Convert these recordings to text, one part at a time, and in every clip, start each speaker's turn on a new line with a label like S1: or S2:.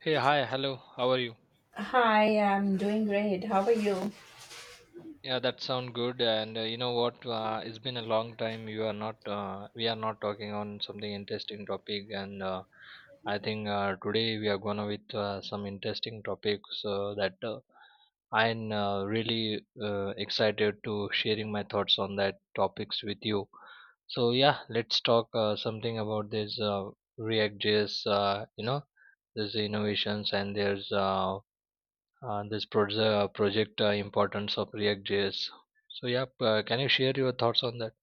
S1: Hey, hi, hello. How are you?
S2: Hi, I'm doing great. How are you?
S1: Yeah, that sound good. And you know what? It's been a long time. You are not. We are not talking on something interesting topic. And I think today we are gonna with some interesting topics that I'm really excited to sharing my thoughts on that topics with you. So yeah, let's talk something about this React.js. You know, there's innovations and there's this proje- project importance of React JS. So yeah, can you share your thoughts on that?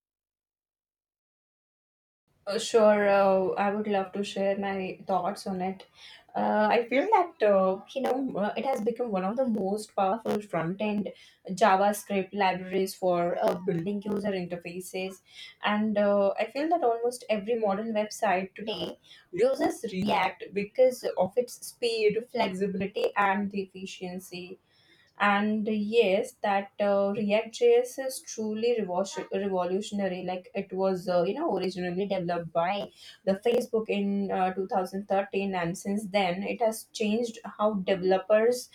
S2: Sure, I would love to share my thoughts on it. I feel that it has become one of the most powerful front-end JavaScript libraries for building user interfaces, and I feel that almost every modern website today uses React because of its speed, flexibility, and the efficiency. And yes, that react js is truly revolutionary. Like it was originally developed by the facebook in 2013, and since then it has changed how developers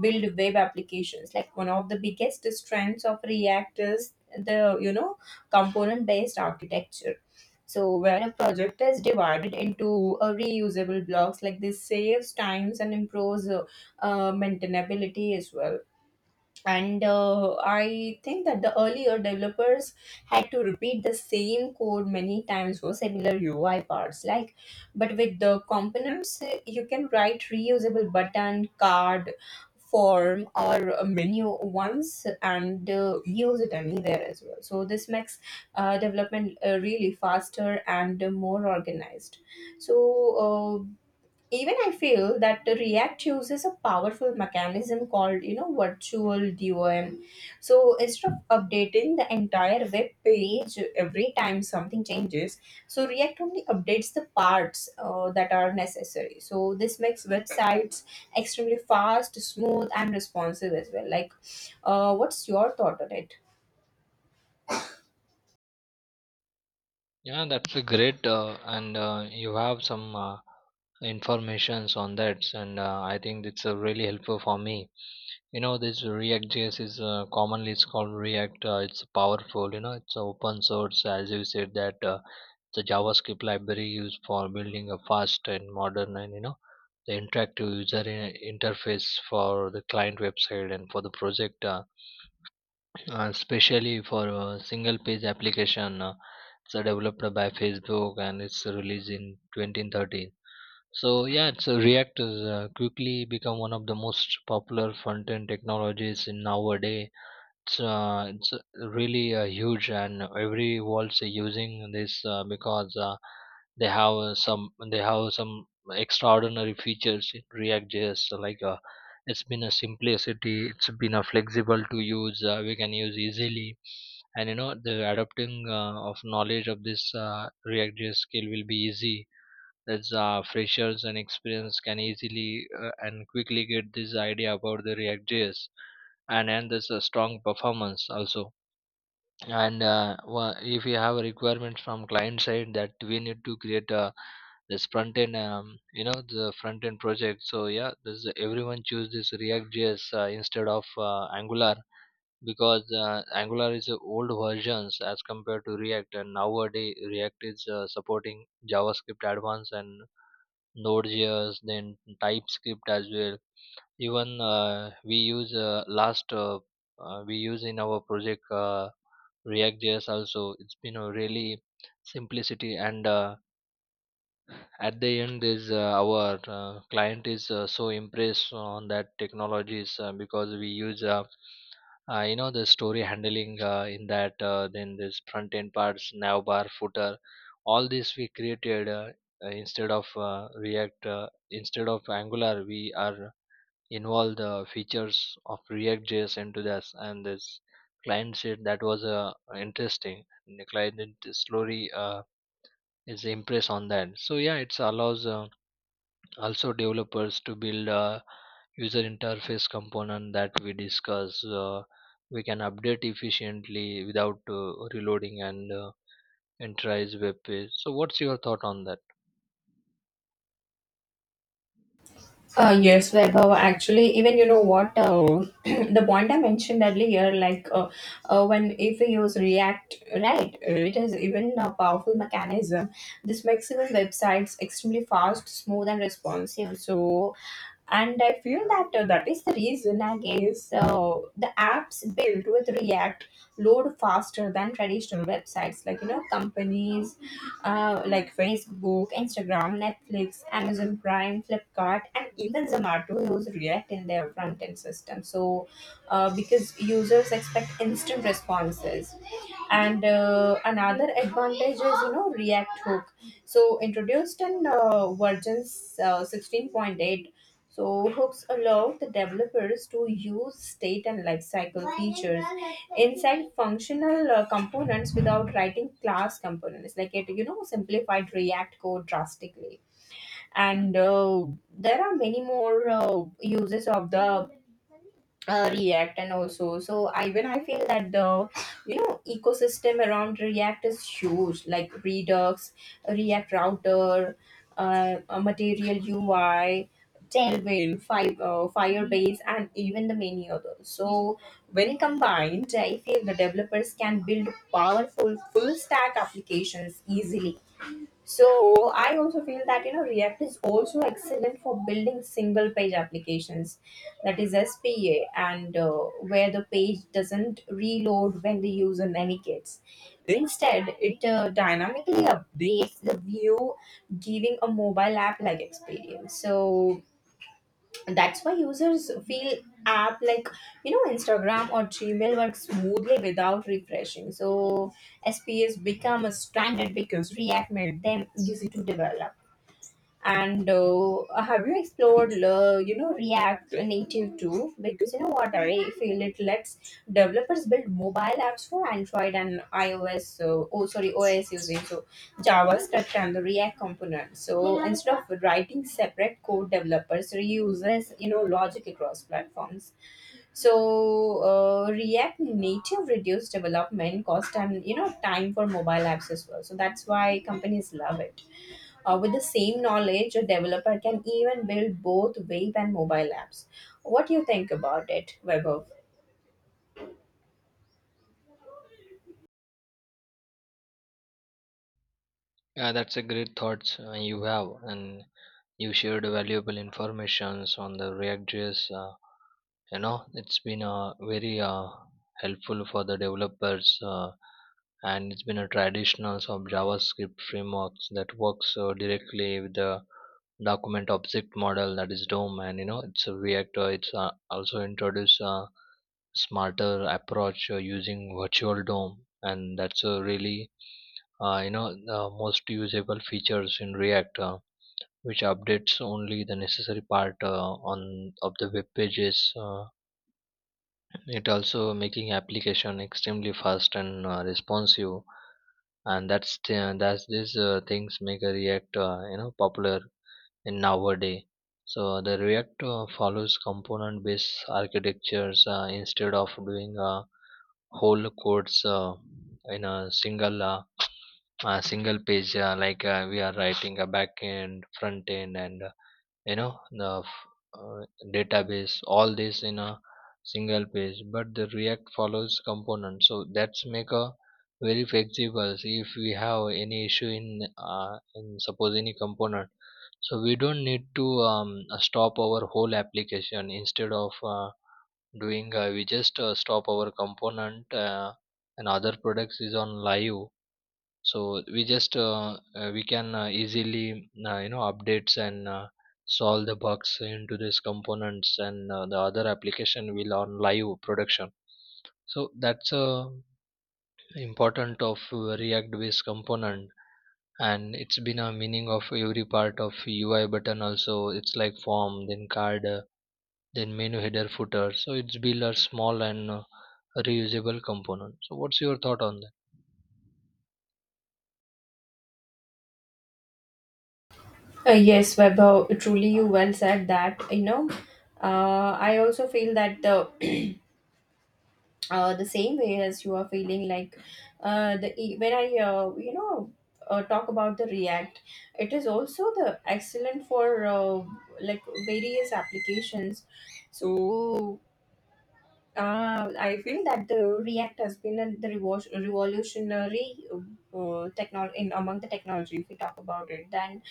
S2: build web applications. Like, one of the biggest strengths of React is the, component based architecture. So where a project is divided into reusable blocks, like this saves times and improves maintainability as well. And I think that the earlier developers had to repeat the same code many times for similar UI parts. Like, but with the components, you can write reusable button, card, form, or a menu once, and use it anywhere as well. So this makes development really faster and more organized. So even I feel that the React uses a powerful mechanism called, virtual DOM. So instead of updating the entire web page every time something changes, so React only updates the parts that are necessary. So this makes websites extremely fast, smooth, and responsive as well. Like, what's your thought on it?
S1: Yeah, that's a great, and you have some informations on that, and I think it's really helpful for me. You know, this React JS is commonly it's called React. It's powerful. You know, it's open source, as you said that the JavaScript library used for building a fast and modern and you know the interactive user interface for the client website and for the project. Especially for a single page application it's developed by facebook and it's released in 2013. So yeah, it's react has quickly become one of the most popular front end technologies in nowadays. It's really huge and everyone's using this because they have some they have some extraordinary features in react js. So it's been a simplicity, it's been a flexible to use, we can use easily, and you know the adopting of knowledge of this react js skill will be easy. That's freshers and experience can easily and quickly get this idea about the react js. And there's a strong performance also. And if you have a requirement from client side that we need to create a this front end you know, the front end project, so yeah, everyone choose this react js instead of angular, because angular is the old versions as compared to react, and nowadays react is supporting javascript advanced and node.js, then typescript as well. Even we use in our project react js also. It's been a really simplicity, and at the end is, our client is so impressed on that technologies, because we use, you know, the story handling in that, then this front end parts, navbar, footer, all this we created, instead of angular we are involve the features of React JS into this, and this client said that was interesting. And the client did slowly is impressed on that. So yeah, it allows also developers to build a user interface component that we discuss. We can update efficiently without reloading and enterprise web page. So what's your thought on that?
S2: Yes, like, actually, even you know what, the point I mentioned earlier, like, when if we use React, right, it is even a powerful mechanism. This makes even websites extremely fast, smooth, and responsive. So, and I feel that that is the reason, I guess, the apps built with React load faster than traditional websites. Like you know, companies, like Facebook, Instagram, Netflix, Amazon Prime, Flipkart, and even Zomato use React in their front end system. So, because users expect instant responses. And another advantage is, you know, React Hook. So, introduced in versions 16.8, so hooks allow the developers to use state and lifecycle features inside functional components without writing class components. Like it, you know, simplified React code drastically. And there are many more uses of the react, and also, so I when I feel that the, ecosystem around React is huge. Like Redux, React Router, material UI, tailwind, firebase, and even the many others. So when combined, I feel the developers can build powerful full stack applications easily. So I also feel that, you know, React is also excellent for building single page applications, that is SPA, and where the page doesn't reload when the user navigates. Instead, it dynamically updates the view, giving a mobile app like experience. So that's why users feel app like, you know, Instagram or Gmail works smoothly without refreshing. So SPS become a standard because React made them easy to develop. And have you explored, you know, React Native too? Because you know what, I feel it lets developers build mobile apps for Android and iOS. So, oh, sorry, OS using so JavaScript and the React component. So instead of writing separate code, developers reuses, logic across platforms. So React Native reduce development cost and, time for mobile apps as well. So that's why companies love it. With the same knowledge, a developer can even build both web and mobile apps. What do you think about it, Vaibhav?
S1: Yeah, that's a great thought you have, and you shared valuable informations on the React.js. You know, it's been very helpful for the developers, and it's been a traditional of JavaScript frameworks that works directly with the document object model, that is DOM, and you know, it's a React. It's also introduced a smarter approach using virtual DOM, and that's a really you know the most usable features in React. Which updates only the necessary part on of the web pages. It also making application extremely fast and responsive, and that's these things make a React you know popular in nowadays. So the React follows component-based architectures instead of doing whole codes in a single page, like we are writing a back end, front end, and you know the f- uh, database all this in a single page, but the react follows component, so that's make a very flexible. See if we have any issue in suppose any component, so we don't need to stop our whole application. Instead of doing, we just stop our component, and other products is on live, so we just we can easily you know updates and solve the bugs into these components, and the other application will on live production. So that's important of react based component. And it's been a meaning of every part of ui button also, it's like form, then card, then menu, header, footer. So it's build a small and reusable component. So what's your thought on that?
S2: Yes, Vaibhav, truly you well said that. You know, I also feel that the the same way as you are feeling. Like, when I talk about the React, it is also the excellent for like various applications. So, I feel that the React has been a, the revolutionary technology in among the technology. If we talk about it, then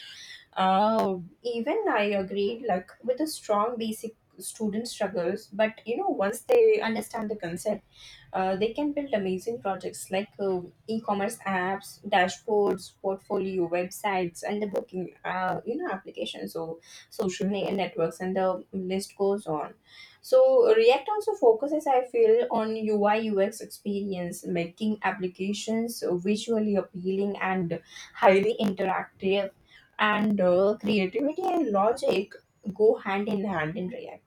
S2: even I agreed, like with a strong basic student struggles, but you know, once they understand the concept, they can build amazing projects like e-commerce apps, dashboards, portfolio websites, and the booking, you know, applications. So social networks, and the list goes on. So React also focuses, I feel, on UI UX experience, making applications visually appealing and highly interactive. And creativity and logic go hand in hand in React.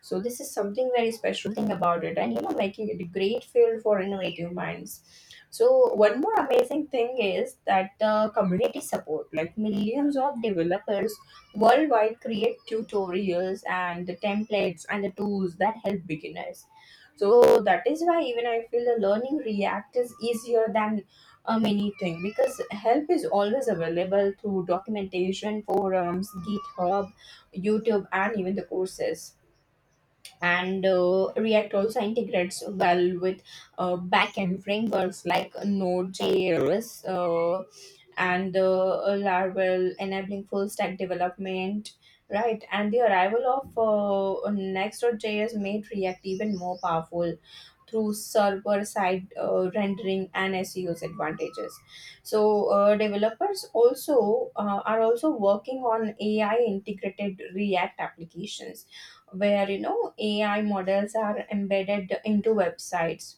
S2: So this is something very special thing about it, and you know, making it a great field for innovative minds. So one more amazing thing is that the community support, like millions of developers worldwide, create tutorials and the templates and the tools that help beginners. So that is why even I feel the learning React is easier than anything, because help is always available through documentation, forums, GitHub, YouTube, and even the courses. And React also integrates well with backend frameworks like Node.js and Laravel, enabling full stack development. Right, and the arrival of Next.js made React even more powerful through server side rendering and SEO's advantages. So developers also are also working on AI integrated React applications where, AI models are embedded into websites.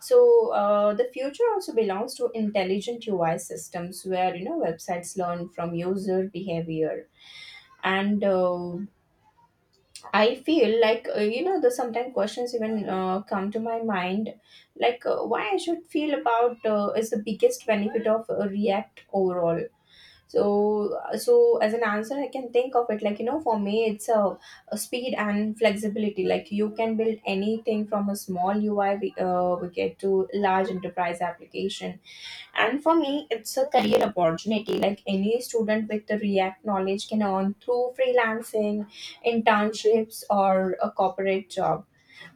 S2: So the future also belongs to intelligent UI systems where, websites learn from user behavior. And I feel like, you know, the sometimes questions even come to my mind, like, why I should feel about is the biggest benefit of React overall. So so as an answer, I can think of it like, you know, for me it's a speed and flexibility. Like you can build anything from a small UI we get to large enterprise application, and for me, it's a career opportunity. Like any student with the React knowledge can earn through freelancing, internships, or a corporate job.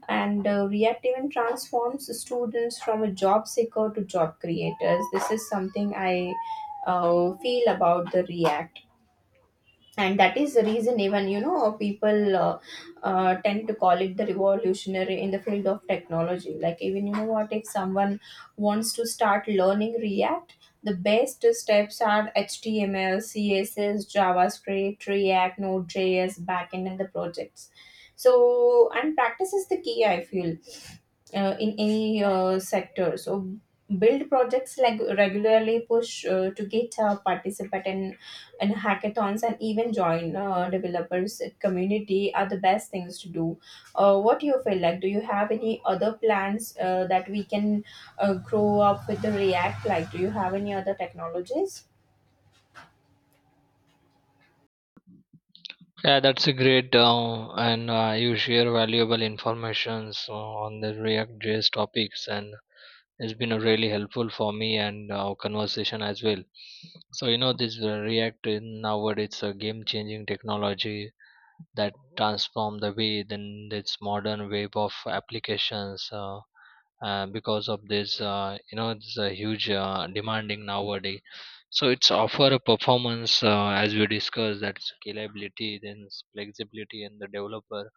S2: And React even transforms students from a job seeker to job creators. This is something I feel about the React, and that is the reason even, you know, people tend to call it the revolutionary in the field of technology. Like even you know what, if someone wants to start learning React, the best steps are HTML, CSS, JavaScript, React, Node.js, backend, and the projects. So, and practice is the key, I feel, in any sector. So build projects like regularly push to get participate in hackathons, and even join developers community are the best things to do. What do you feel like? Do you have any other plans that we can grow up with the React? Like, do you have any other technologies?
S1: Yeah, that's a great and you share valuable informations on the React JS topics, and it's been really helpful for me and our conversation as well. So you know this React in nowadays it's a game changing technology that transform the way, then its modern web of applications, because of this, you know it's a huge demanding nowadays. So it's offer a performance, as we discussed, that scalability, then flexibility, and the developer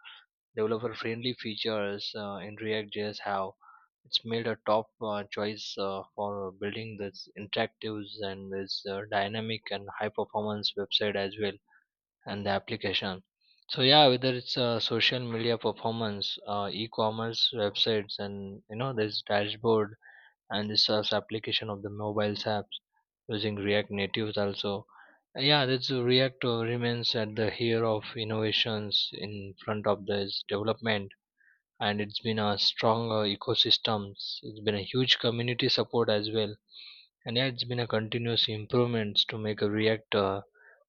S1: developer friendly features in react js have, it's made a top choice for building this interactives and this dynamic and high performance website as well, and the application. So yeah, whether it's social media performance, e-commerce websites, and you know this dashboard, and this application of the mobiles apps using react natives also. Yeah that's react remains at the here of innovations in front of this development. And it's been a strong ecosystems, it's been a huge community support as well. And yeah, it's been a continuous improvements to make a React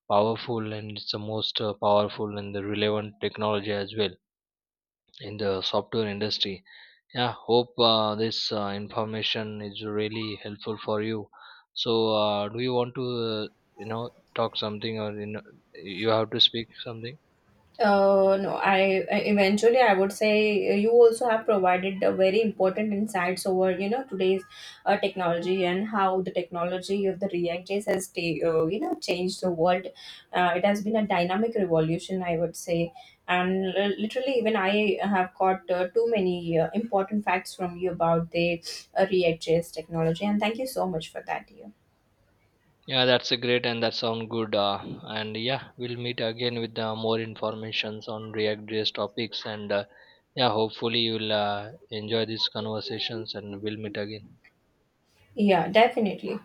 S1: powerful, and it's the most powerful and the relevant technology as well in the software industry. Yeah, hope this information is really helpful for you. So, do you want to, you know, talk something, or you know, you have to speak something?
S2: No, eventually, I would say you also have provided a very important insights over, today's technology, and how the technology of the reactors has changed the world. It has been a dynamic revolution, I would say, and literally, even I have got too many important facts from you about the reactors technology, and thank you so much for that. Yeah,
S1: Yeah, that's a great and that sound good. And yeah, we'll meet again with more informations on React JS topics. And yeah, hopefully you'll enjoy these conversations and we'll meet again.
S2: yeah, definitely.